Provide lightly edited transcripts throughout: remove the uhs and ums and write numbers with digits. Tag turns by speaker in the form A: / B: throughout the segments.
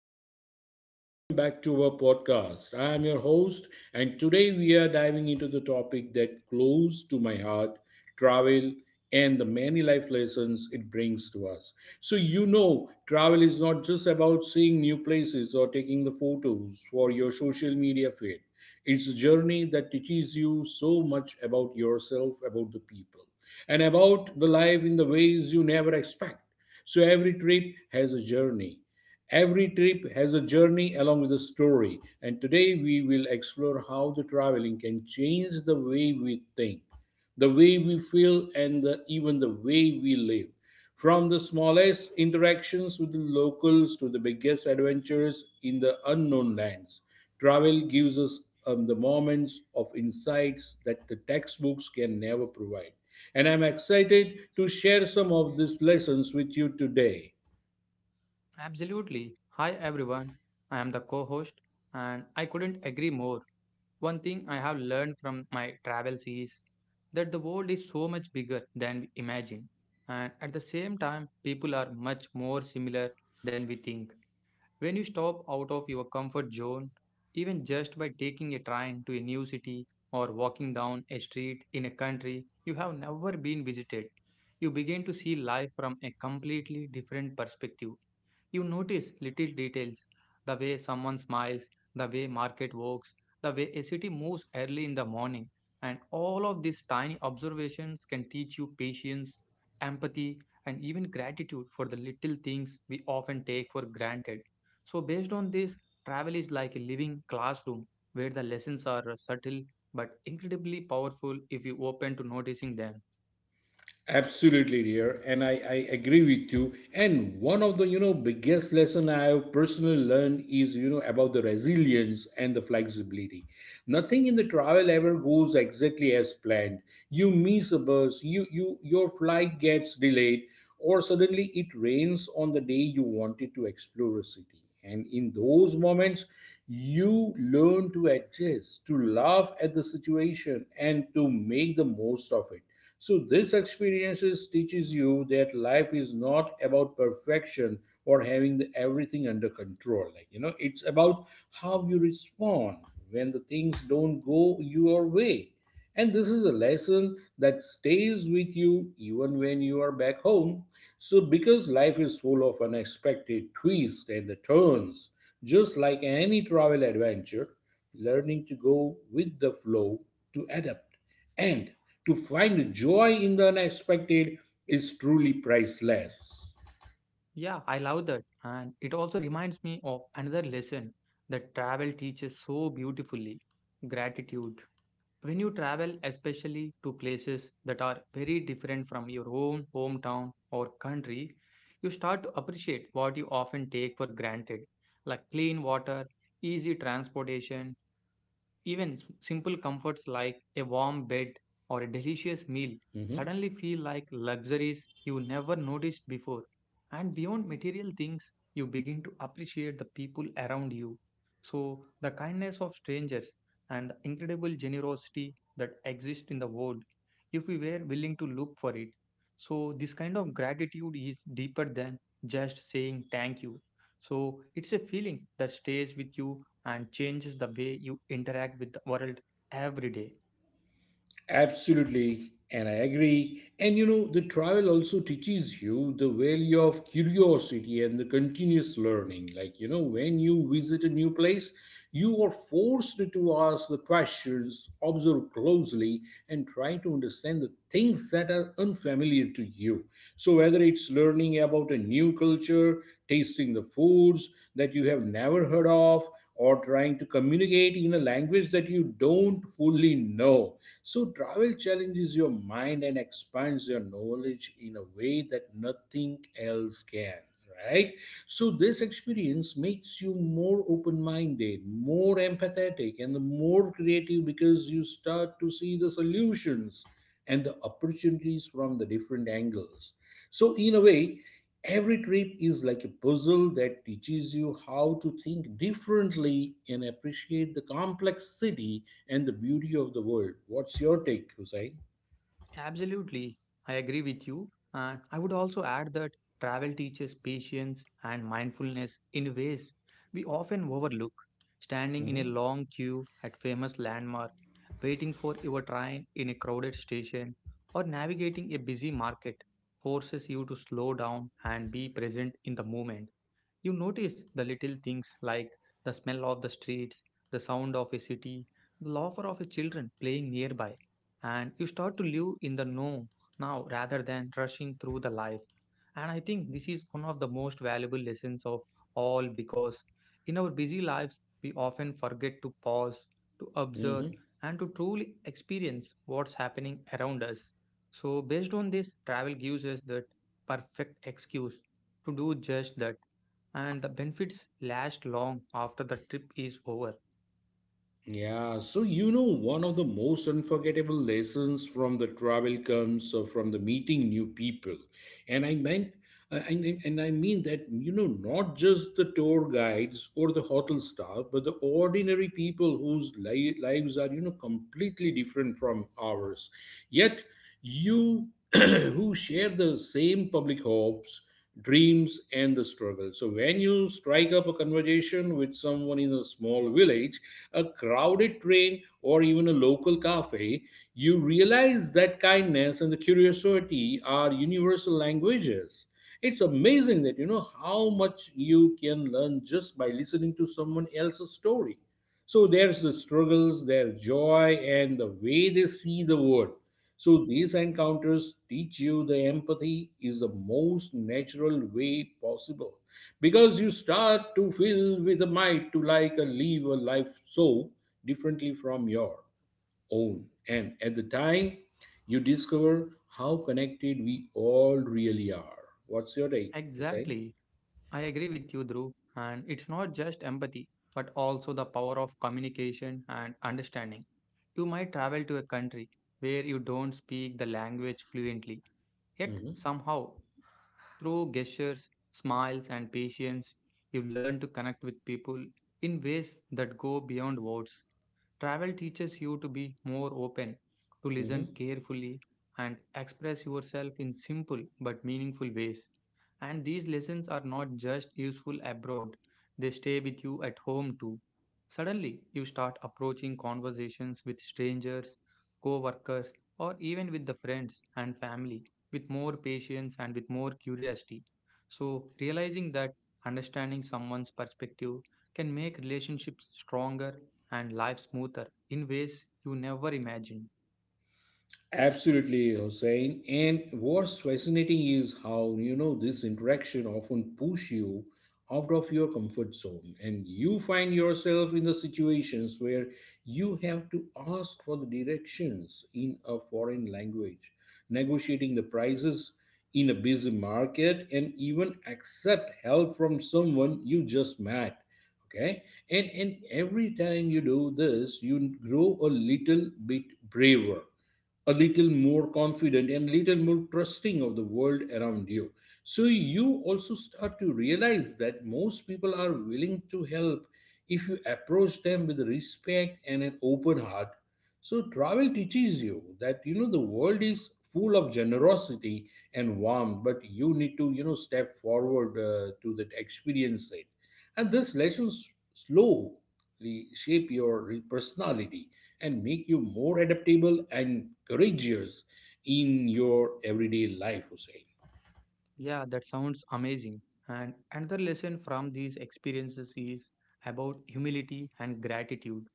A: everyone, and welcome back to our podcast. I am your host, and today we are diving into the topic that close to my heart, travel and the many life lessons it brings to us. Travel is not just about seeing new places or taking the photos for your social media feed. It's a journey that teaches you so much about yourself, about the people, and about the life in the ways you never expect. So every trip has a journey. Every trip has a journey along with a story, and today we will explore how the traveling can change the way we think, the way we feel, and even the way we live. From the smallest interactions with the locals to the biggest adventures in the unknown lands, travel gives us the moments of insights that the textbooks can never provide. And I'm excited to share some of these lessons with you today.
B: Absolutely. Hi everyone. I am the co-host and I couldn't agree more. One thing I have learned from my travels is that the world is so much bigger than we imagine. And at the same time, people are much more similar than we think. When you stop out of your comfort zone, even just by taking a train to a new city or walking down a street in a country you have never been visited, you begin to see life from a completely different perspective. You notice little details, the way someone smiles, the way market works, the way a city moves early in the morning. And all of these tiny observations can teach you patience, empathy, and even gratitude for the little things we often take for granted. So, based on this, travel is like a living classroom where the lessons are subtle but incredibly powerful if you open to noticing them.
A: Absolutely, dear, and I agree with you. And one of the biggest lesson I have personally learned is about the resilience and the flexibility. Nothing in the travel ever goes exactly as planned. You miss a bus, you your flight gets delayed, or suddenly it rains on the day you wanted to explore a city. And in those moments, you learn to adjust, to laugh at the situation, and to make the most of it. So this experiences teaches you that life is not about perfection or having everything under control. It's about how you respond when the things don't go your way. And this is a lesson that stays with you even when you are back home, so, because life is full of unexpected twists and the turns, just like any travel adventure, learning to go with the flow, to adapt, and to find joy in the unexpected is truly priceless.
B: Yeah, I love that. And it also reminds me of another lesson that travel teaches so beautifully, gratitude. When you travel, especially to places that are very different from your own hometown or country, you start to appreciate what you often take for granted, like clean water, easy transportation, even simple comforts like a warm bed or a delicious meal
A: Mhm.
B: suddenly feel like luxuries you never noticed before. And beyond material things, you begin to appreciate the people around you. So, the kindness of strangers and the incredible generosity that exists in the world if we were willing to look for it. So, this kind of gratitude is deeper than just saying thank you. So, it's a feeling that stays with you and changes the way you interact with the world every day.
A: Absolutely, and I agree. The travel also teaches you the value of curiosity and the continuous learning. When you visit a new place, you are forced to ask the questions, observe closely, and try to understand the things that are unfamiliar to you. So, whether it's learning about a new culture, tasting the foods that you have never heard of, or trying to communicate in a language that you don't fully know. So, travel challenges your mind and expands your knowledge in a way that nothing else can, right? So, this experience makes you more open minded, more empathetic, and more creative because you start to see the solutions and the opportunities from the different angles. So, in a way, every trip is like a puzzle that teaches you how to think differently and appreciate the complexity and the beauty of the world. What's your take, Hussein?
B: Absolutely, I agree with you. And I would also add that travel teaches patience and mindfulness in ways we often overlook. Standing in a
A: Hmm.
B: long queue at famous landmark, waiting for your train in a crowded station, or navigating a busy market forces you to slow down and be present in the moment. You notice the little things like the smell of the streets, the sound of a city, the laughter of a children playing nearby, and you start to live in the know now rather than rushing through the life. And I think this is one of the most valuable lessons of all because in our busy lives, we often forget to pause, to observe,
A: Hmm.
B: and to truly experience what's happening around us. So, based on this, travel gives us that perfect excuse to do just that and the benefits last long after the trip is over.
A: Yeah, so one of the most unforgettable lessons from the travel comes from the meeting new people, and I meant, and I mean that not just the tour guides or the hotel staff, but the ordinary people whose lives are completely different from ours. Yet, you who share the same public hopes, dreams, and the struggle. So, when you strike up a conversation with someone in a small village, a crowded train, or even a local cafe, you realize that kindness and the curiosity are universal languages. It's amazing that how much you can learn just by listening to someone else's story. So there's the struggles, their joy, and the way they see the world. So, these encounters teach you the empathy is the most natural way possible because you start to feel with a might to like a live a life so differently from your own. And at the time, you discover how connected we all really are. What's your take, Hussein?
B: Exactly. I agree with you, Dhruv. And it's not just empathy, but also the power of communication and understanding. You might travel to a country where you don't speak the language fluently, yet
A: Mhm,
B: somehow through gestures, smiles, and patience, you learn to connect with people in ways that go beyond words. Travel teaches you to be more open, to listen
A: mhm.
B: carefully, and express yourself in simple but meaningful ways. And these lessons are not just useful abroad, they stay with you at home too. Suddenly, you start approaching conversations with strangers, co workers, or even with the friends and family with more patience and with more curiosity. So, realizing that understanding someone's perspective can make relationships stronger and life smoother in ways you never imagined.
A: Absolutely, Hossein. And what's fascinating is how, this interaction often push you out of your comfort zone, and you find yourself in the situations where you have to ask for the directions in a foreign language, negotiating the prices in a busy market, and even accept help from someone you just met. Okay. And every time you do this, you grow a little bit braver, a little more confident, and little more trusting of the world around you. So you also start to realize that most people are willing to help if you approach them with respect and an open heart. So travel teaches you that the world is full of generosity and warmth, but you need to step forward to that experience it. And this lesson slow reshape your personality and make you more adaptable and courageous in your everyday life, Hussein.
B: Yeah, that sounds amazing. And another lesson from these experiences is about humility and gratitude.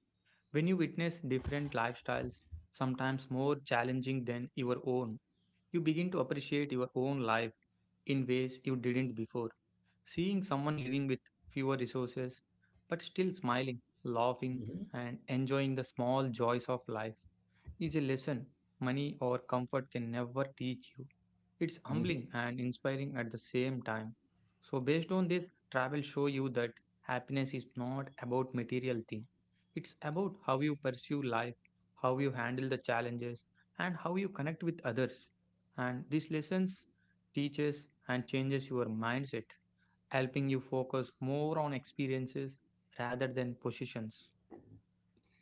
B: When you witness different lifestyles, sometimes more challenging than your own, you begin to appreciate your own life in ways you didn't before. Seeing someone living with fewer resources but still smiling, laughing,
A: Mhm.
B: and enjoying the small joys of life is a lesson money or comfort can never teach you. It's
A: Mhm.
B: humbling and inspiring at the same time. So, based on this, travel show you that happiness is not about material thing. It's about how you pursue life, how you handle the challenges, and how you connect with others. And these lessons teaches and changes your mindset helping you focus more on experiences rather than positions.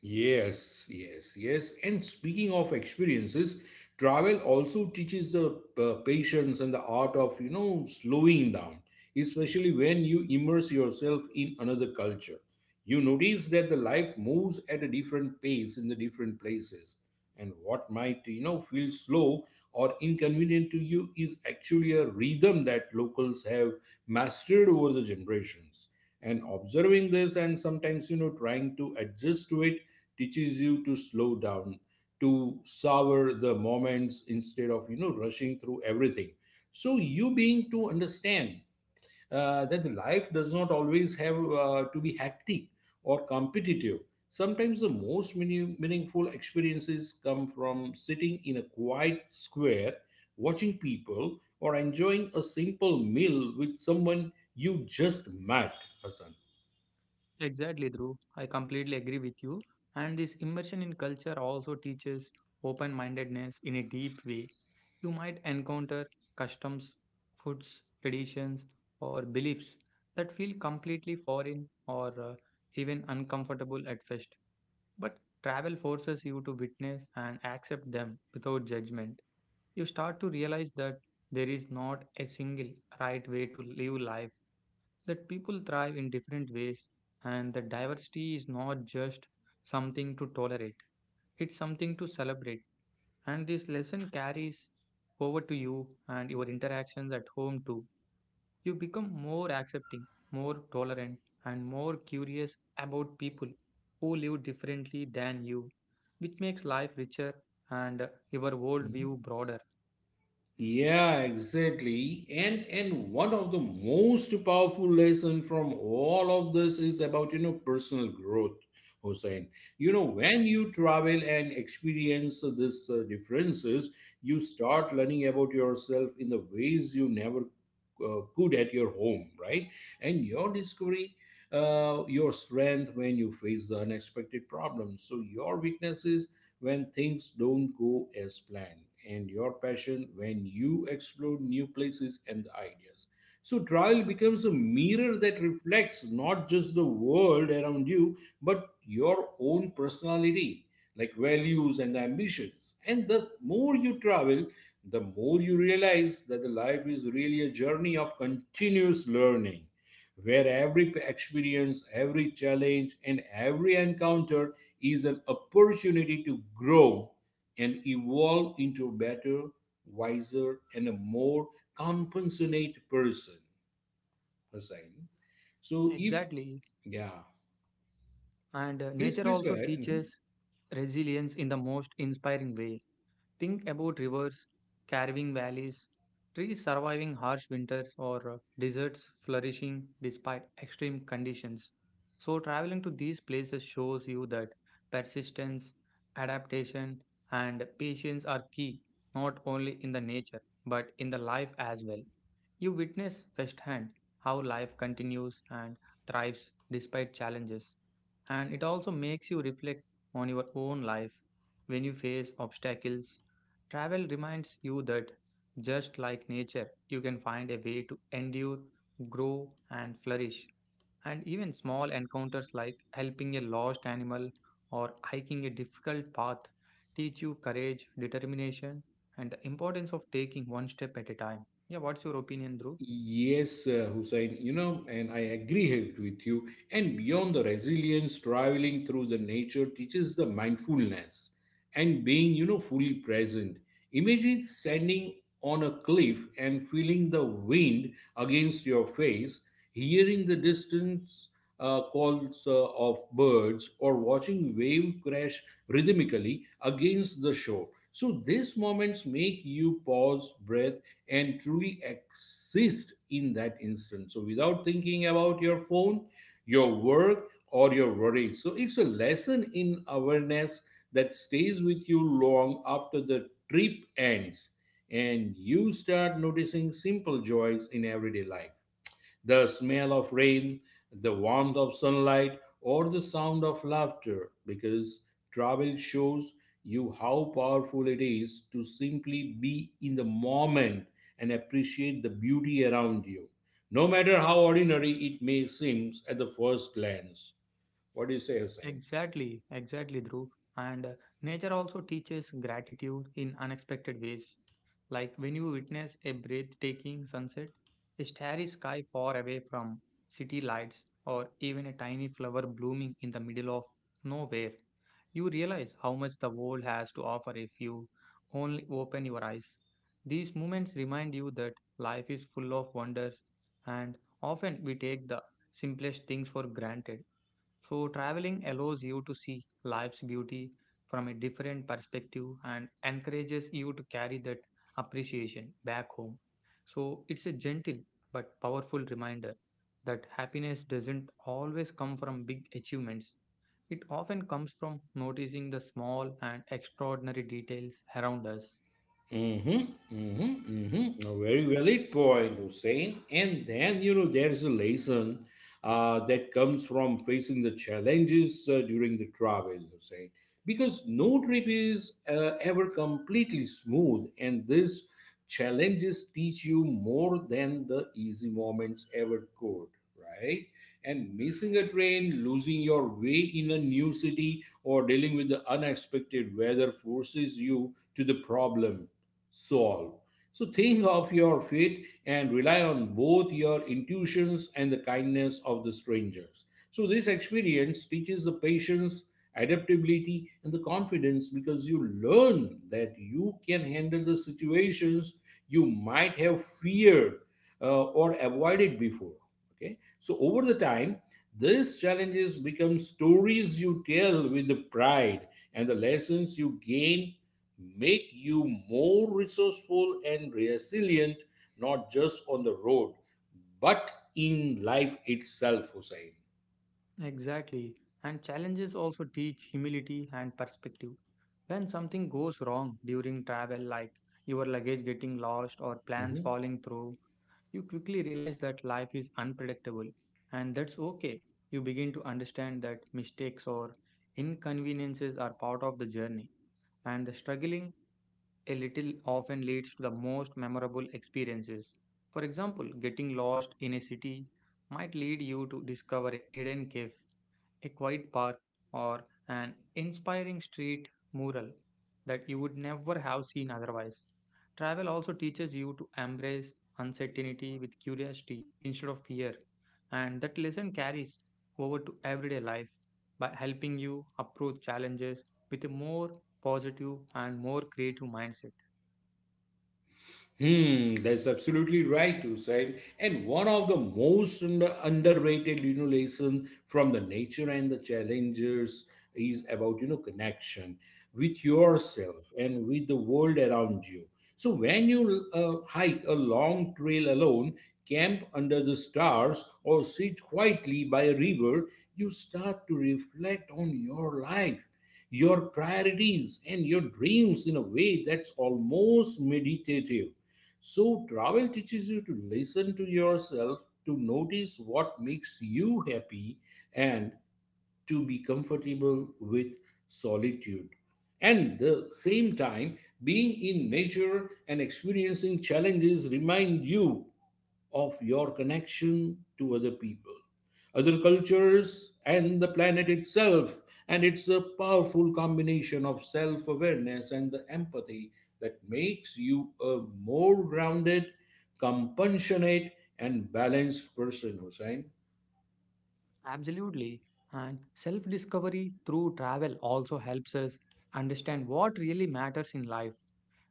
A: Yes, yes, yes. And speaking of experiences, travel also teaches the patience and the art of, slowing down, especially when you immerse yourself in another culture. You notice that the life moves at a different pace in the different places, and what might feel slow or inconvenient to you is actually a rhythm that locals have mastered over the generations. And observing this, and sometimes trying to adjust to it, teaches you to slow down, to savor the moments instead of rushing through everything. So you being to understand that life does not always have to be hectic or competitive. Sometimes the most meaningful experiences come from sitting in a quiet square, watching people, or enjoying a simple meal with someone you just met, Hassan.
B: Exactly, Dhruv. I completely agree with you. And this immersion in culture also teaches open mindedness in a deep way. You might encounter customs, foods, traditions, or beliefs that feel completely foreign or even uncomfortable at first. But travel forces you to witness and accept them without judgment. You start to realize that there is not a single right way to live life, that people thrive in different ways, and that diversity is not just something to tolerate, it's something to celebrate. And this lesson carries over to you and your interactions at home too. You become more accepting, more tolerant, and more curious about people who live differently than you, which makes life richer and your
A: Mm-hmm.
B: worldview broader.
A: Yeah, exactly. And one of the most powerful lesson from all of this is about personal growth, Hussein. You know when you travel and experience these differences, you start learning about yourself in the ways you never good at your home, right? And your discovery, your strength when you face the unexpected problems. So your weaknesses when things don't go as planned, and your passion when you explore new places and the ideas. So travel becomes a mirror that reflects not just the world around you, but your own personality, like values and ambitions. And the more you travel, the more you realize that the life is really a journey of continuous learning, where every experience, every challenge, and every encounter is an opportunity to grow and evolve into a better, wiser, and a more compassionate person, Hussain. So if
B: Exactly.
A: yeah,
B: And
A: please
B: nature
A: please go
B: also
A: ahead. Mhm.
B: teaches resilience in the most inspiring way. Think about rivers carving valleys, trees surviving harsh winters, or deserts flourishing despite extreme conditions. So, traveling to these places shows you that persistence, adaptation, and patience are key not only in the nature but in the life as well. You witness firsthand how life continues and thrives despite challenges, and it also makes you reflect on your own life when you face obstacles. Travel reminds you that just like nature, you can find a way to endure, grow, and flourish. And even small encounters like helping a lost animal or hiking a difficult path teach you courage, determination, and the importance of taking one step at a time. Yeah, what's your opinion, Dhruv?
A: Yes, Hussein, and I agree with you. And beyond the resilience, traveling through the nature teaches the mindfulness and being, fully present. Imagine standing on a cliff and feeling the wind against your face, hearing the distance calls of birds, or watching wave crash rhythmically against the shore. So these moments make you pause, breath, and truly exist in that instant. So without thinking about your phone, your work, or your worries. So it's a lesson in awareness that stays with you long after the trip ends, and you start noticing simple joys in everyday life. The smell of rain, the warmth of sunlight, or the sound of laughter, because travel shows you how powerful it is to simply be in the moment and appreciate the beauty around you, no matter how ordinary it may seem at the first glance. What do you say, Hussein?
B: Exactly, exactly, Dhruv. And nature also teaches gratitude in unexpected ways, like when you witness a breathtaking sunset, a starry sky far away from city lights, or even a tiny flower blooming in the middle of nowhere, you realize how much the world has to offer if you only open your eyes. These moments remind you that life is full of wonders, and often we take the simplest things for granted. So, traveling allows you to see life's beauty from a different perspective and encourages you to carry that appreciation back home. So, it's a gentle but powerful reminder that happiness doesn't always come from big achievements. It often comes from noticing the small and extraordinary details around us.
A: Mm-hmm, mm-hmm, mm-hmm. A very valid point, Hussein. And then, there's a lesson that comes from facing the challenges during the travel, Hussein. Because no trip is ever completely smooth, and these challenges teach you more than the easy moments ever could, right? And missing a train, losing your way in a new city, or dealing with the unexpected weather forces you to the problem solve. So think of your fate and rely on both your intuitions and the kindness of the strangers. So this experience teaches the patience, adaptability, and the confidence, because you learn that you can handle the situations you might have feared or avoided before. Okay, so over the time, these challenges become stories you tell with the pride, and the lessons you gain make you more resourceful and resilient, not just on the road, but in life itself, Hussein.
B: Exactly. And challenges also teach humility and perspective. When something goes wrong during travel, like your luggage getting lost or plans falling through, you quickly realize that life is unpredictable and that's okay. You begin to understand that mistakes or inconveniences are part of the journey, and the struggling a little often leads to the most memorable experiences. For example, getting lost in a city might lead you to discover a hidden cave, a quiet park, or an inspiring street mural that you would never have seen otherwise. Travel also teaches you to embrace uncertainty with curiosity instead of fear, and that lesson carries over to everyday life by helping you approach challenges with a more positive and more creative mindset.
A: Hmm, that's absolutely right, Hussein. And one of the most underrated, lesson from the nature and the challengers is about connection with yourself and with the world around you. So when you hike a long trail alone, camp under the stars, or sit quietly by a river, you start to reflect on your life, your priorities, and your dreams in a way that's almost meditative. So, travel teaches you to listen to yourself, to notice what makes you happy, and to be comfortable with solitude. And the same time, being in nature and experiencing challenges remind you of your connection to other people, other cultures, and the planet itself. And it's a powerful combination of self awareness and the empathy that makes you a more grounded, compassionate, and balanced person, Hussein.
B: Absolutely. And self discovery through travel also helps us understand what really matters in life.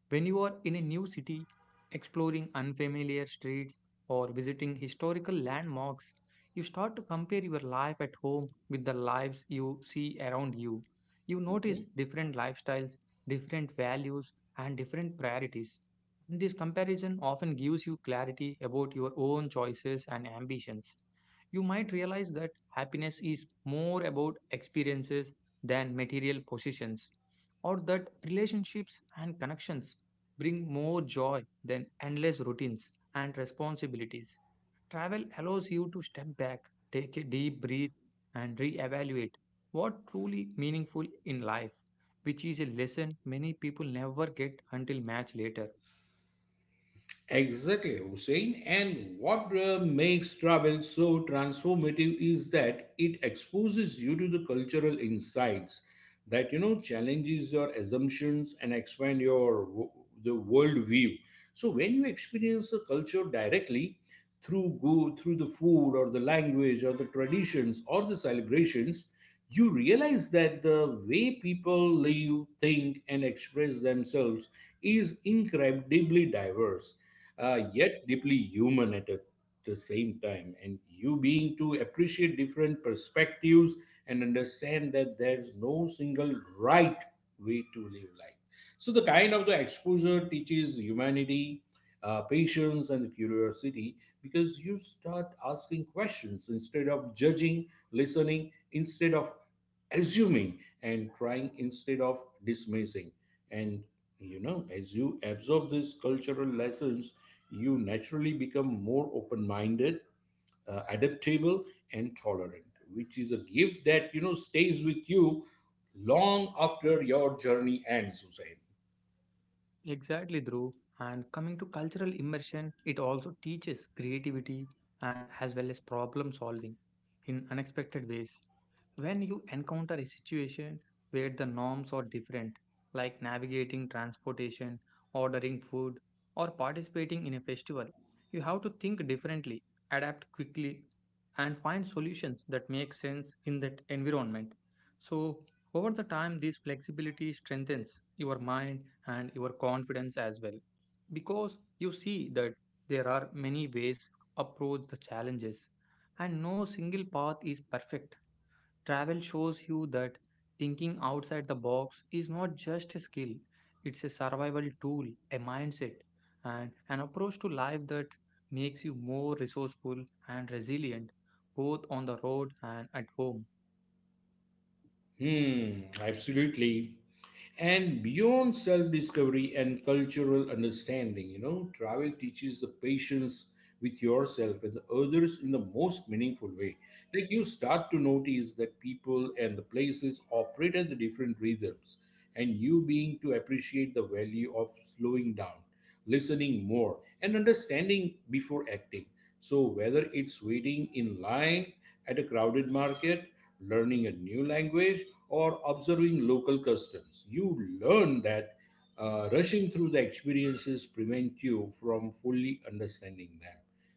B: When you are in a new city, exploring unfamiliar streets or visiting historical landmarks, you start to compare your life at home with the lives you see around you. You notice different lifestyles, different values, and different priorities. This comparison often gives you clarity about your own choices and ambitions. You might realize that happiness is more about experiences than material possessions, or that relationships and connections bring more joy than endless routines and responsibilities. Travel allows you to step back, take a deep breath, and reevaluate what truly meaningful in life, which is a lesson many people never get until much later.
A: Exactly, Hussein. And what makes travel so transformative is that it exposes you to the cultural insights that challenges your assumptions and expand your the world view. So when you experience a culture directly through go through the food or the language or the traditions or the celebrations, you realize that the way people live, think, and express themselves is incredibly diverse yet deeply human at a, the same time. And you being to appreciate different perspectives and understand that there's no single right way to live life. So the kind of the exposure teaches humanity, patience, and curiosity because you start asking questions instead of judging, listening instead of assuming, and trying instead of dismissing. And as you absorb these cultural lessons you naturally become more open-minded, adaptable and tolerant, which is a gift that stays with you long after your journey ends, Hussein.
B: Exactly, Dhruv. And coming to cultural immersion, it also teaches creativity and as well as problem solving in unexpected ways. When you encounter a situation where the norms are different, like navigating transportation, ordering food, or participating in a festival, you have to think differently, adapt quickly, and find solutions that make sense in that environment. So, over the time, this flexibility strengthens your mind and your confidence as well because you see that there are many ways to approach the challenges and no single path is perfect. Travel shows you that thinking outside the box is not just a skill, it's a survival tool, a mindset, and an approach to life that makes you more resourceful and resilient both on the road and at home.
A: Hmm, absolutely. And beyond self discovery and cultural understanding, travel teaches the patience with yourself and the others in the most meaningful way. Like you start to notice that people and the places operate at the different rhythms and you being to appreciate the value of slowing down, listening more, and understanding before acting. So whether it's waiting in line at a crowded market, learning a new language, or observing local customs. You learn that rushing through the experiences prevent you from fully understanding them.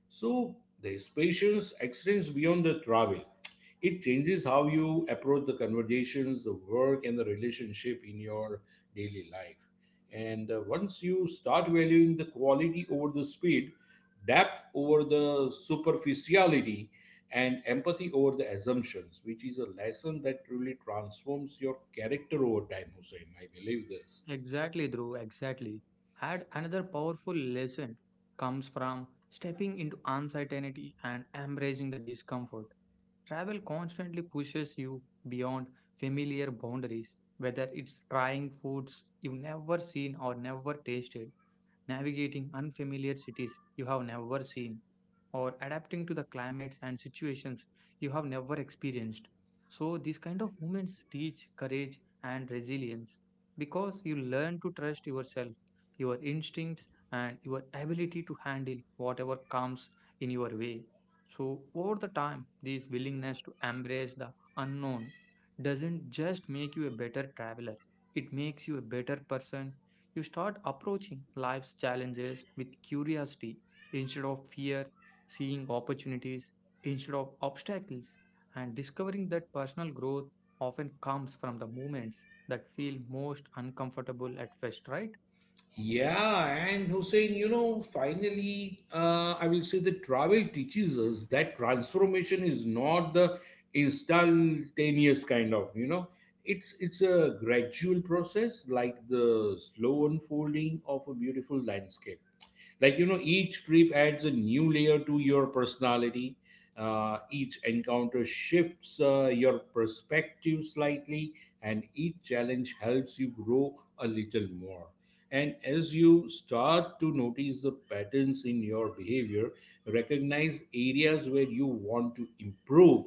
A: So there's patience extends beyond the travel. It changes how you approach the conversations, the work, and the relationship in your daily life. And once you start valuing the quality over the speed, depth over the superficiality, and empathy over the assumptions, which is a lesson that truly transforms your character over time, Hussein. I believe this.
B: Exactly, Dhruv, exactly. And another powerful lesson comes from stepping into uncertainty and embracing the discomfort. Travel constantly pushes you beyond familiar boundaries, whether it's trying foods you've never seen or never tasted, navigating unfamiliar cities you have never seen, or adapting to the climates and situations you have never experienced. So, these kind of moments teach courage and resilience because you learn to trust yourself, your instincts, and your ability to handle whatever comes in your way. So, over the time, this willingness to embrace the unknown doesn't just make you a better traveler, it makes you a better person. You start approaching life's challenges with curiosity instead of fear, seeing opportunities instead of obstacles, and discovering that personal growth often comes from the moments that feel most uncomfortable at first, right?
A: Yeah, and Hussein, you know, finally, I will say that travel teaches us that transformation is not the instantaneous kind of, it's a gradual process, like the slow unfolding of a beautiful landscape. Like each trip adds a new layer to your personality, each encounter shifts your perspective slightly, and each challenge helps you grow a little more. And as you start to notice the patterns in your behavior, recognize areas where you want to improve,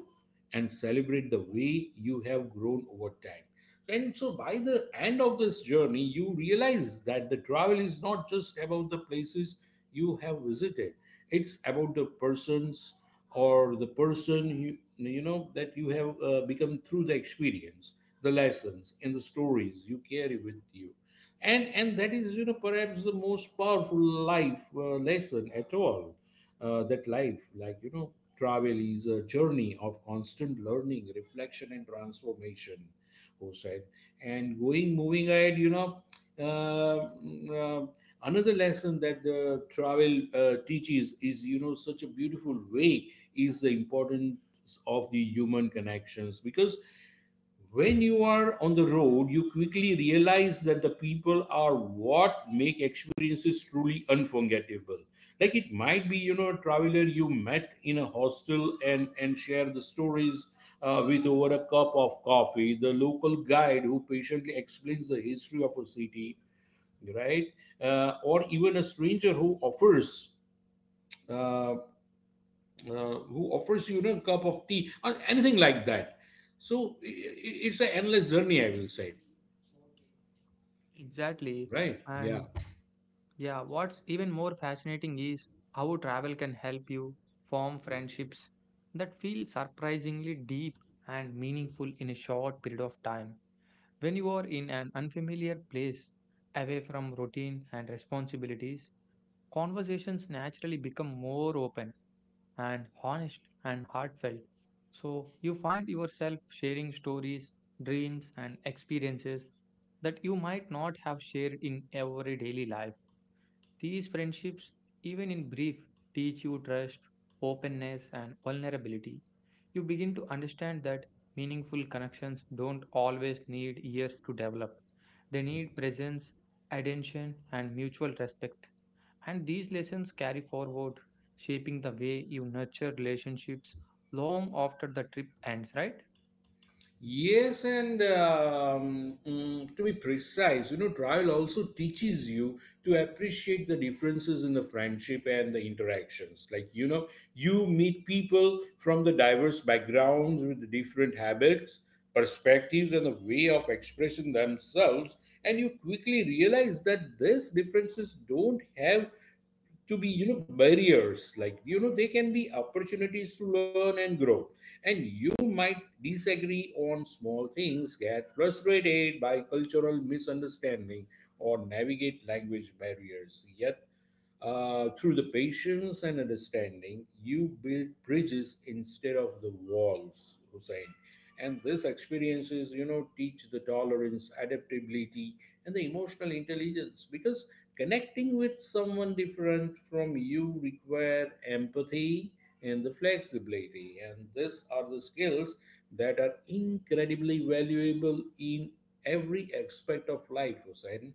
A: and celebrate the way you have grown over time. And so by the end of this journey, you realize that the travel is not just about the places you have visited, it's about the persons or the person you, you know that you have become through the experience, the lessons, and the stories you carry with you. And that is perhaps the most powerful life lesson at all, that life like travel is a journey of constant learning, reflection, and transformation said. And going moving ahead, uh, uh, another lesson that the travel teaches is you know such a beautiful way is the importance of the human connections because when you are on the road you quickly realize that the people are what make experiences truly unforgettable. Like it might be a traveler you met in a hostel and share the stories with over a cup of coffee, the local guide who patiently explains the history of a city, right, or even a stranger uh, who offers you, a cup of tea or anything like that. So it's an endless journey, I will say.
B: Exactly.
A: Right. Yeah.
B: And yeah, what's even more fascinating is how travel can help you form friendships that feel surprisingly deep and meaningful in a short period of time. When you are in an unfamiliar place, away from routine and responsibilities, conversations naturally become more open and honest and heartfelt. So you find yourself sharing stories, dreams, and experiences that you might not have shared in everyday daily life. These friendships, even in brief, teach you trust, openness, and vulnerability. You begin to understand that meaningful connections don't always need years to develop. They need presence, attention, and mutual respect. And these lessons carry forward, shaping the way you nurture relationships long after the trip ends, right?
A: Yes, and to be precise, trial also teaches you to appreciate the differences in the friendship and the interactions. Like you meet people from the diverse backgrounds with the different habits, perspectives, and the way of expressing themselves, and you quickly realize that these differences don't have to be barriers. Like they can be opportunities to learn and grow, and you might disagree on small things, get frustrated by cultural misunderstanding, or navigate language barriers, yet through the patience and understanding you build bridges instead of the walls, Hussein. And these experiences teach the tolerance, adaptability, and the emotional intelligence because connecting with someone different from you require empathy and the flexibility, and these are the skills that are incredibly valuable in every aspect of life, Hussein.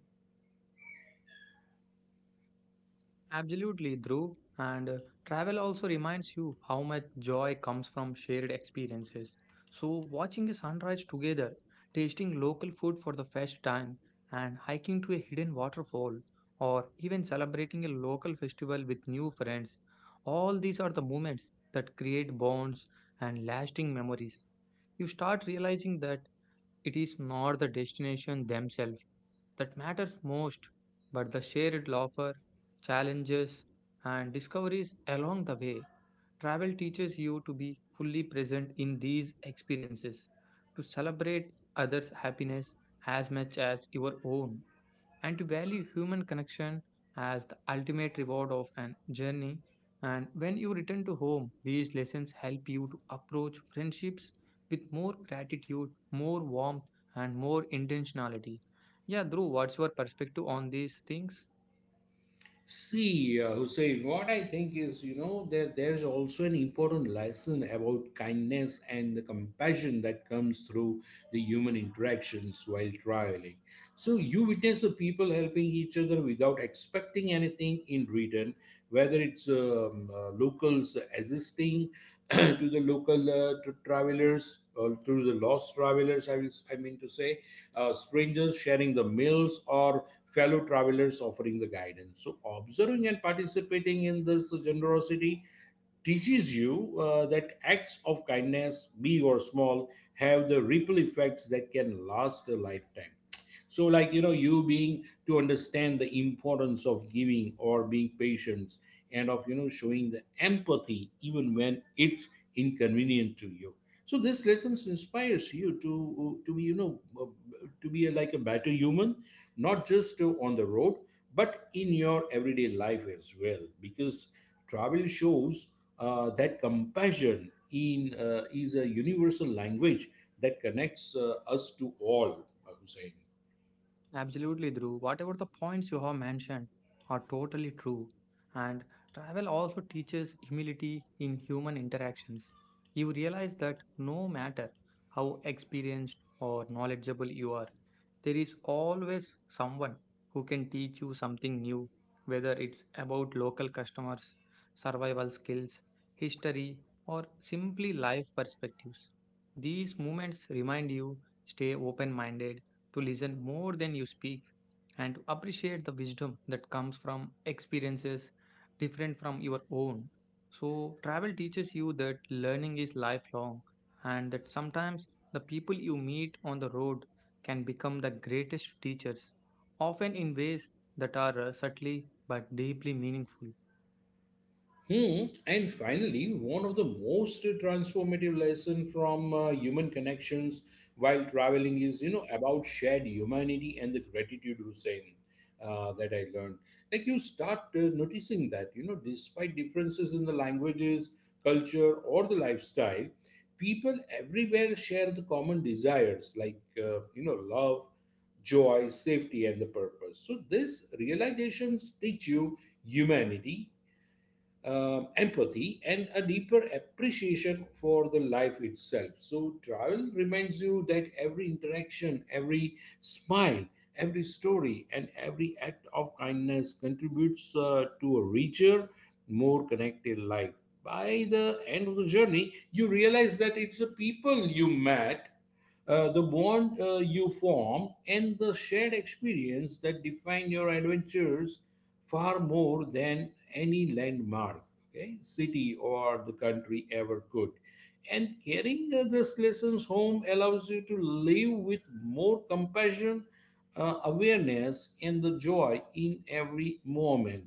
B: Absolutely, Dhruv. And travel also reminds you how much joy comes from shared experiences. So, watching a sunrise together, tasting local food for the first time, and hiking to a hidden waterfall, or even celebrating a local festival with new friends, all these are the moments that create bonds and lasting memories. You start realizing that it is not the destination themselves that matters most, but the shared laughter, challenges, and discoveries along the way. Travel teaches you to be fully present in these experiences, to celebrate others' happiness as much as your own and to value human connection as the ultimate reward of an journey. And when you return to home, these lessons help you to approach friendships with more gratitude, more warmth, and more intentionality. Yeah, Dhruv, what's your perspective on these things?
A: See, Hussein, what I think is, that there's also an important lesson about kindness and the compassion that comes through the human interactions while traveling. So you witness the people helping each other without expecting anything in return, whether it's locals assisting to the local tr travelers or to the lost travelers, I, will, I mean to say, strangers sharing the meals or fellow travelers offering the guidance. So, observing and participating in this generosity teaches you that acts of kindness, big or small, have the ripple effects that can last a lifetime. So, like, you being to understand the importance of giving or being patient, and of, showing the empathy even when it's inconvenient to you. So this lessons inspires you to be to be like a better human, not just on the road but in your everyday life as well, because travel shows that compassion in is a universal language that connects us to all, Hussein.
B: Absolutely, Dhruv. Whatever the points you have mentioned are totally true. And travel also teaches humility in human interactions. You realize that no matter how experienced or knowledgeable you are, there is always someone who can teach you something new, whether it's about local customers, survival skills, history, or simply life perspectives. These moments remind you stay open minded to listen more than you speak and to appreciate the wisdom that comes from experiences different from your own. So, travel teaches you that learning is lifelong and that sometimes the people you meet on the road can become the greatest teachers, often in ways that are subtly but deeply meaningful.
A: Hmm. And finally, one of the most transformative lesson from human connections while traveling is, about shared humanity and the gratitude, Hussein, that I learned. Like you start noticing that, despite differences in the languages, culture, or the lifestyle, people everywhere share the common desires like, love, joy, safety, and the purpose. So these realizations teach you humanity, empathy, and a deeper appreciation for the life itself. So, travel reminds you that every interaction, every smile, every story, and every act of kindness contributes to a richer, more connected life. By the end of the journey, you realize that it's the people you met, the bond you form, and the shared experience that define your adventures far more than any landmark, okay, city, or the country ever could. And carrying these lessons home allows you to live with more compassion, awareness, and the joy in every moment.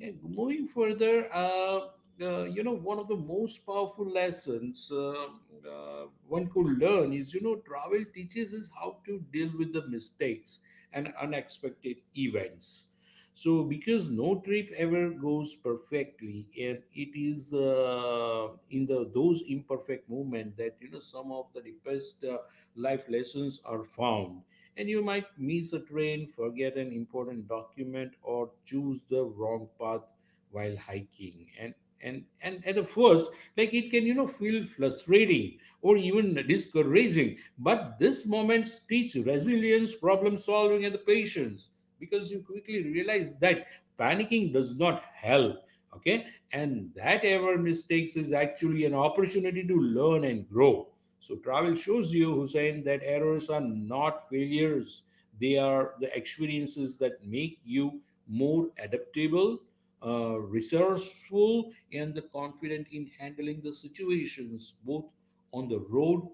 A: And moving further, one of the most powerful lessons one could learn is, travel teaches us how to deal with the mistakes and unexpected events. So, because no trip ever goes perfectly, and it is in the those imperfect moment that some of the deepest life lessons are found. And you might miss a train, forget an important document, or choose the wrong path while hiking. And at the first, like it can feel frustrating or even discouraging, but these moments teach resilience, problem solving, and the patience because you quickly realize that panicking does not help, okay, and that ever mistakes is actually an opportunity to learn and grow. So travel shows you, Hussein, that errors are not failures, they are the experiences that make you more adaptable, resourceful, and the confident in handling the situations, both on the road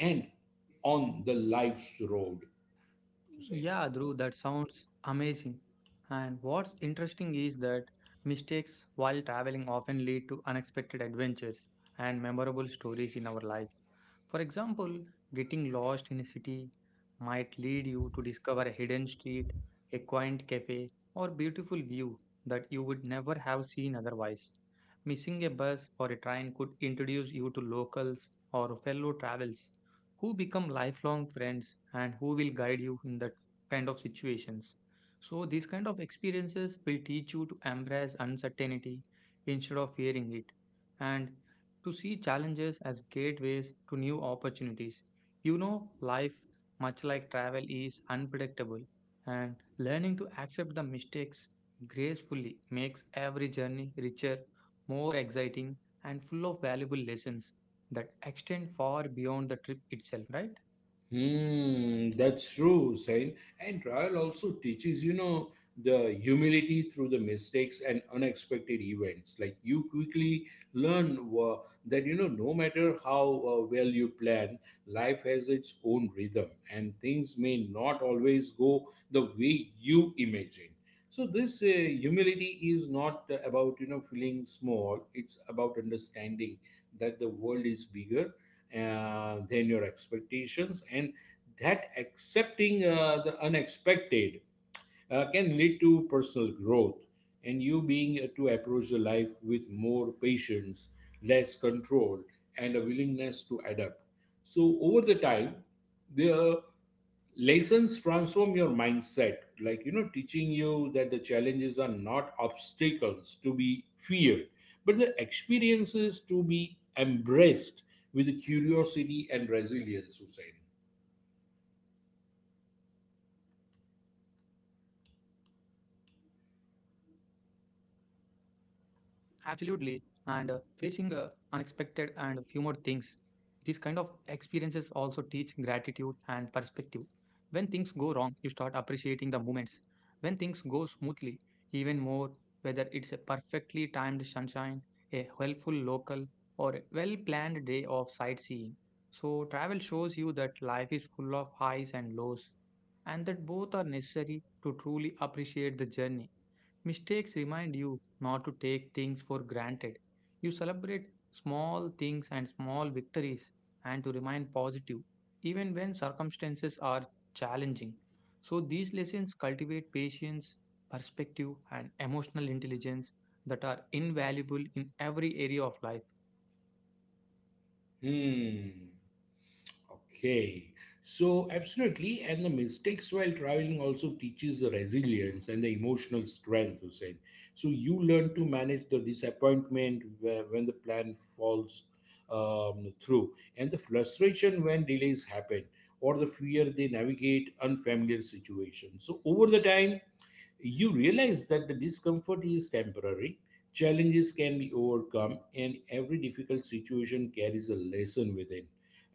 A: and on the life's road to say.
B: Yeah, Dhruv, that sounds amazing. And what's interesting is that mistakes while traveling often lead to unexpected adventures and memorable stories in our life. For example, getting lost in a city might lead you to discover a hidden street, a quaint cafe, or beautiful view that you would never have seen otherwise. Missing a bus or a train could introduce you to locals or fellow travelers who become lifelong friends and who will guide you in that kind of situations. So, these kind of experiences will teach you to embrace uncertainty instead of fearing it and to see challenges as gateways to new opportunities. You know, life, much like travel, is unpredictable, and learning to accept the mistakes gracefully makes every journey richer, more exciting, and full of valuable lessons that extend far beyond the trip itself, right?
A: Hmm, that's true, Sain. And trial also teaches, the humility through the mistakes and unexpected events. Like you quickly learn that, no matter how well you plan, life has its own rhythm and things may not always go the way you imagine. So this humility is not about, feeling small. It's about understanding that the world is bigger than your expectations, and that accepting the unexpected can lead to personal growth. And you being to approach the life with more patience, less control, and a willingness to adapt. So over the time, the lessons transform your mindset, like teaching you that the challenges are not obstacles to be feared but the experiences to be embraced with curiosity and resilience, Hussein.
B: Absolutely. And facing unexpected, and a few more things. These kind of experiences also teach gratitude and perspective. When things go wrong, you start appreciating the moments. When things go smoothly, even more, whether it's a perfectly timed sunshine, a helpful local, or a well planned day of sightseeing. So, travel shows you that life is full of highs and lows, and that both are necessary to truly appreciate the journey. Mistakes remind you not to take things for granted. You celebrate small things and small victories and to remain positive even when circumstances are challenging. So, these lessons cultivate patience, perspective, and emotional intelligence that are invaluable in every area of life.
A: Hmm. Okay, so absolutely, and the mistakes while traveling also teaches the resilience and the emotional strength, Hussein. So you learn to manage the disappointment when the plan falls through, and the frustration when delays happen, or the fear they navigate unfamiliar situations. So over the time, you realize that the discomfort is temporary, challenges can be overcome, and every difficult situation carries a lesson within.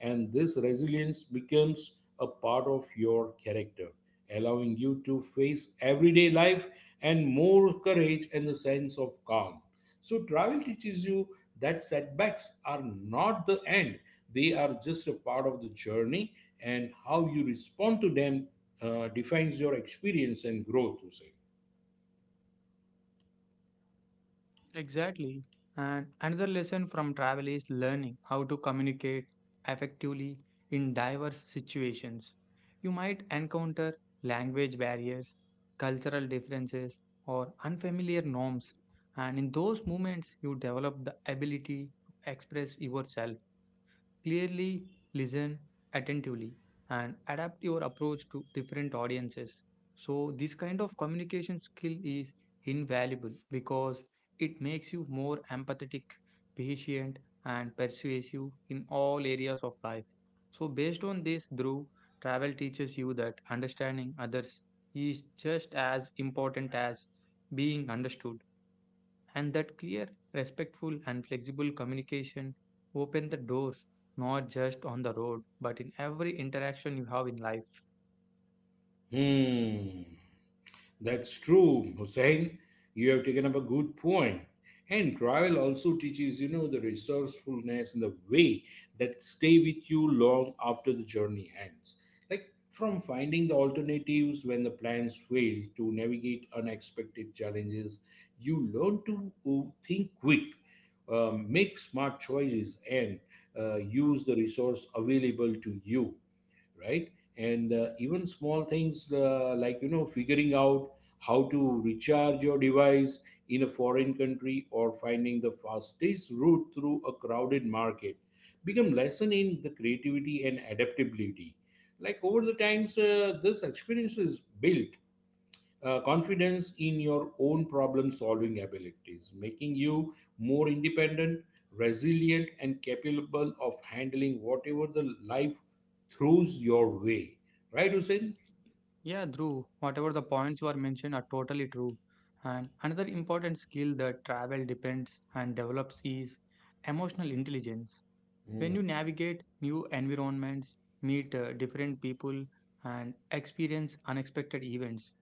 A: And this resilience becomes a part of your character, allowing you to face everyday life and more courage and a sense of calm. So, travel teaches you that setbacks are not the end, they are just a part of the journey, and how you respond to them defines your experience and growth, Hussein.
B: Exactly. And another lesson from travel is learning how to communicate effectively in diverse situations. You might encounter language barriers, cultural differences, or unfamiliar norms, and in those moments, you develop the ability to express yourself. Clearly listen attentively and adapt your approach to different audiences. So, this kind of communication skill is invaluable because it makes you more empathetic, patient, and persuasive in all areas of life. So, based on this, Dhruv, travel teaches you that understanding others is just as important as being understood. And that clear, respectful, and flexible communication open the doors not just on the road, but in every interaction you have in life.
A: Hmm, that's true, Hussein. You have taken up a good point. And travel also teaches, you know, the resourcefulness and the way that stay with you long after the journey ends. Like from finding the alternatives when the plans fail to navigate unexpected challenges, you learn to think quick, make smart choices, and use the resource available to you, right? And even small things like you know figuring out how to recharge your device in a foreign country or finding the fastest route through a crowded market become lesson in the creativity and adaptability. Like over the times, this experience is built confidence in your own problem solving abilities, making you more independent, resilient, and capable of handling whatever the life throws your way. Right, Hussein?
B: Yeah, Dhruv, whatever the points you are mentioned are totally true. And another important skill that travel depends and develops is emotional intelligence. When
A: Mm.
B: you navigate new environments, meet different people, and experience unexpected events,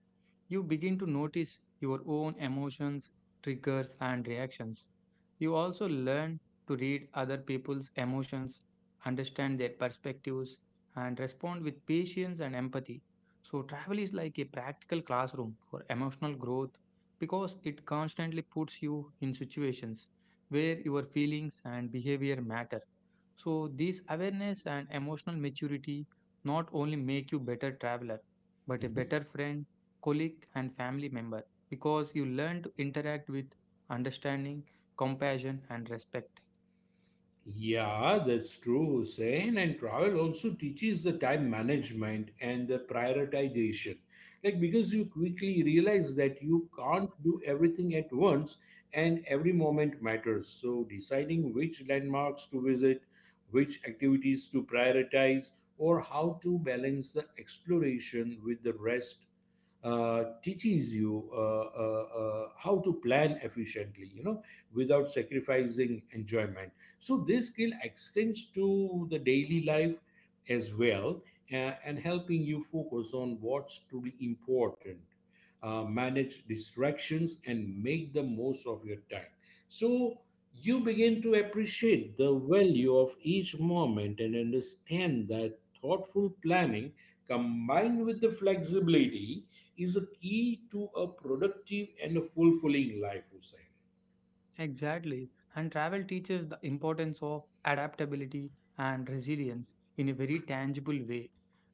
B: you begin to notice your own emotions, triggers, and reactions. You also learn to read other people's emotions, understand their perspectives, and respond with patience and empathy. So, travel is like a practical classroom for emotional growth because it constantly puts you in situations where your feelings and behavior matter. So, this awareness and emotional maturity not only make you better traveler but a better friend, colleague, and family member because you learn to interact with understanding, compassion, and respect.
A: Yeah, that's true, Hussein. And travel also teaches the time management and the prioritization. Like, because you quickly realize that you can't do everything at once and every moment matters. So, deciding which landmarks to visit, which activities to prioritize, or how to balance the exploration with the rest teaches you how to plan efficiently, you know, without sacrificing enjoyment. So this skill extends to the daily life as well, and helping you focus on what's truly important, manage distractions and make the most of your time. So you begin to appreciate the value of each moment and understand that thoughtful planning combined with the flexibility is a key to a productive and a fulfilling life, Hussein.
B: Exactly. And travel teaches the importance of adaptability and resilience in a very tangible way.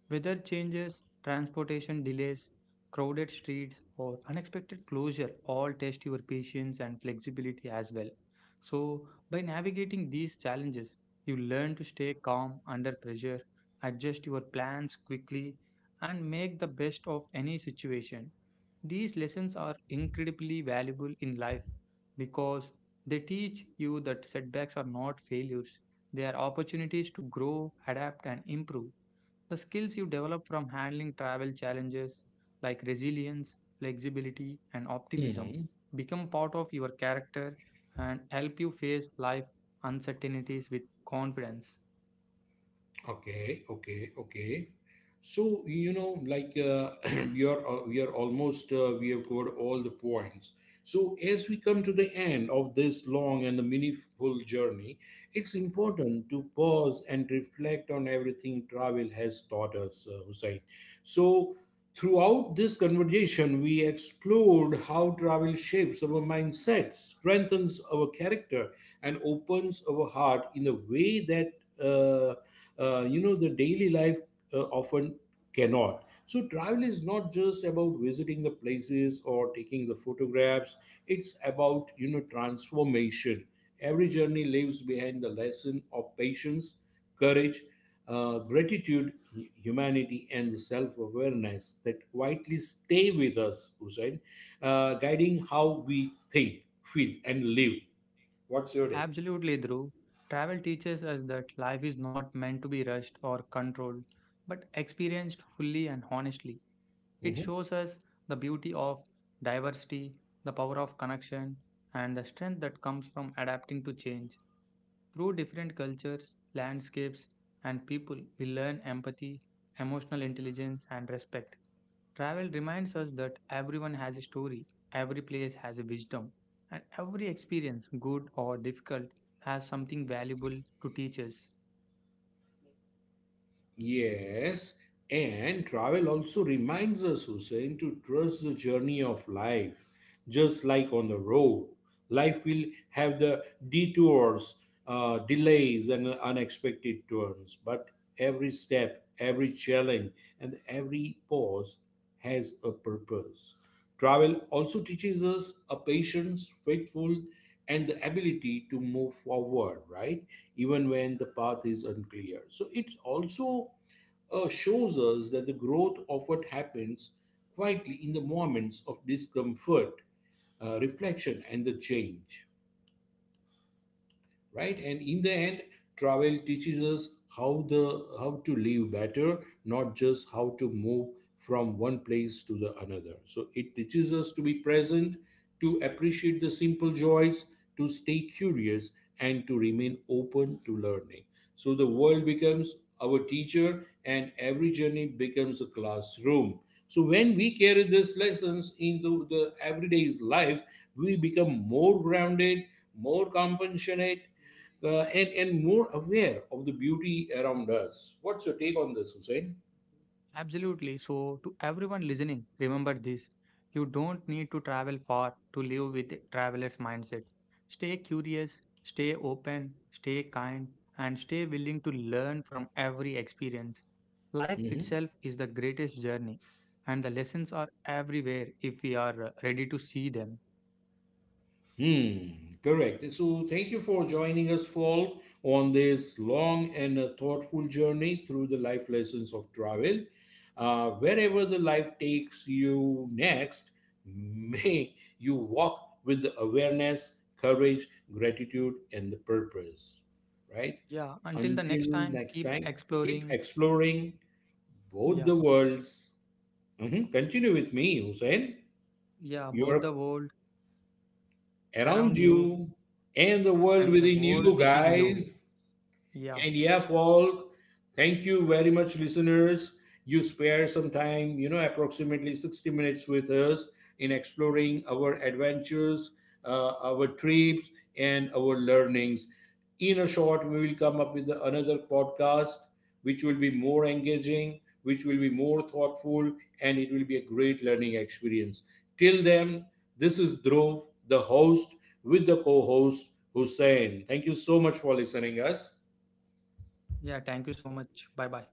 B: Weather changes, transportation delays, crowded streets, or unexpected closure all test your patience and flexibility as well. So, by navigating these challenges, you learn to stay calm under pressure, adjust your plans quickly, and make the best of any situation. These lessons are incredibly valuable in life because they teach you that setbacks are not failures. They are opportunities to grow, adapt, and improve. The skills you develop from handling travel challenges like resilience, flexibility, and optimism become part of your character and help you face life uncertainties with confidence.
A: Okay, okay, okay. So, you know, like we are almost we have covered all the points. So, as we come to the end of this long and meaningful journey, it's important to pause and reflect on everything travel has taught us, Hussein. So, throughout this conversation, we explored how travel shapes our mindset, strengthens our character, and opens our heart in a way that. Uh, you know, the daily life often cannot. So travel is not just about visiting the places or taking the photographs, it's about, you know, transformation. Every journey leaves behind the lesson of patience, courage, gratitude, humanity and self-awareness that quietly stay with us, Hussein, guiding how we think, feel and live. What's your
B: Absolutely, Dhruv. Travel teaches us that life is not meant to be rushed or controlled, but experienced fully and honestly. It
A: take?
B: shows us the beauty of diversity, the power of connection, and the strength that comes from adapting to change. Through different cultures, landscapes, and people, we learn empathy, emotional intelligence, and respect. Travel reminds us that everyone has a story, every place has a wisdom, and every experience, good or difficult, has something valuable to teach us.
A: Yes, and travel also reminds us, Hussein, to trust the journey of life. Just like on the road, life will have the detours, delays, and unexpected turns. But every step, every challenge, and every pause has a purpose. Travel also teaches us a patience, faithful, and the ability to move forward, right? Even when the path is unclear. So it also shows us that the growth often happens quietly in the moments of discomfort, reflection, and the change, right? And in the end, travel teaches us how the how to live better, not just how to move from one place to the another. So it teaches us to be present, to appreciate the simple joys, to stay curious, and to remain open to learning. So the world becomes our teacher and every journey becomes a classroom. So when we carry these lessons into the everyday's life, we become more grounded, more compassionate, and more aware of the beauty around us. What's your take on this, Hussein?
B: Absolutely. So, to everyone listening, remember this: you don't need to travel far to live with a traveler's mindset. Stay curious, stay open, stay kind, and stay willing to learn from every experience. Life
A: Mm-hmm.
B: itself is the greatest journey, and the lessons are everywhere if we are ready to see them.
A: Hmm, correct. So, thank you for joining us, Fault, on this long and thoughtful journey through the life lessons of travel. Wherever the life takes you next, may you walk with the awareness, courage, gratitude, and the purpose. Right?
B: Yeah, until the
A: Until
B: next time,
A: next
B: keep
A: time, keep
B: exploring.
A: exploring, both
B: Yeah,
A: the worlds. Mhm. Continue with me, Hussein.
B: yeah, both the
A: Europe
B: world
A: around
B: around you
A: you and the world
B: and the
A: within
B: world
A: you,
B: within you.
A: guys.
B: Yeah.
A: And yeah, Falk, thank you very much, listeners. You spare some time, you know, approximately 60 minutes with us in exploring our adventures, our trips, and our learnings. In a short, we will come up with another podcast which will be more engaging, which will be more thoughtful, and it will be a great learning experience. Till then, this is Dhruv, the host, with the co host Hussein. Thank you so much for listening us.
B: Yeah. Thank you so much. Bye bye.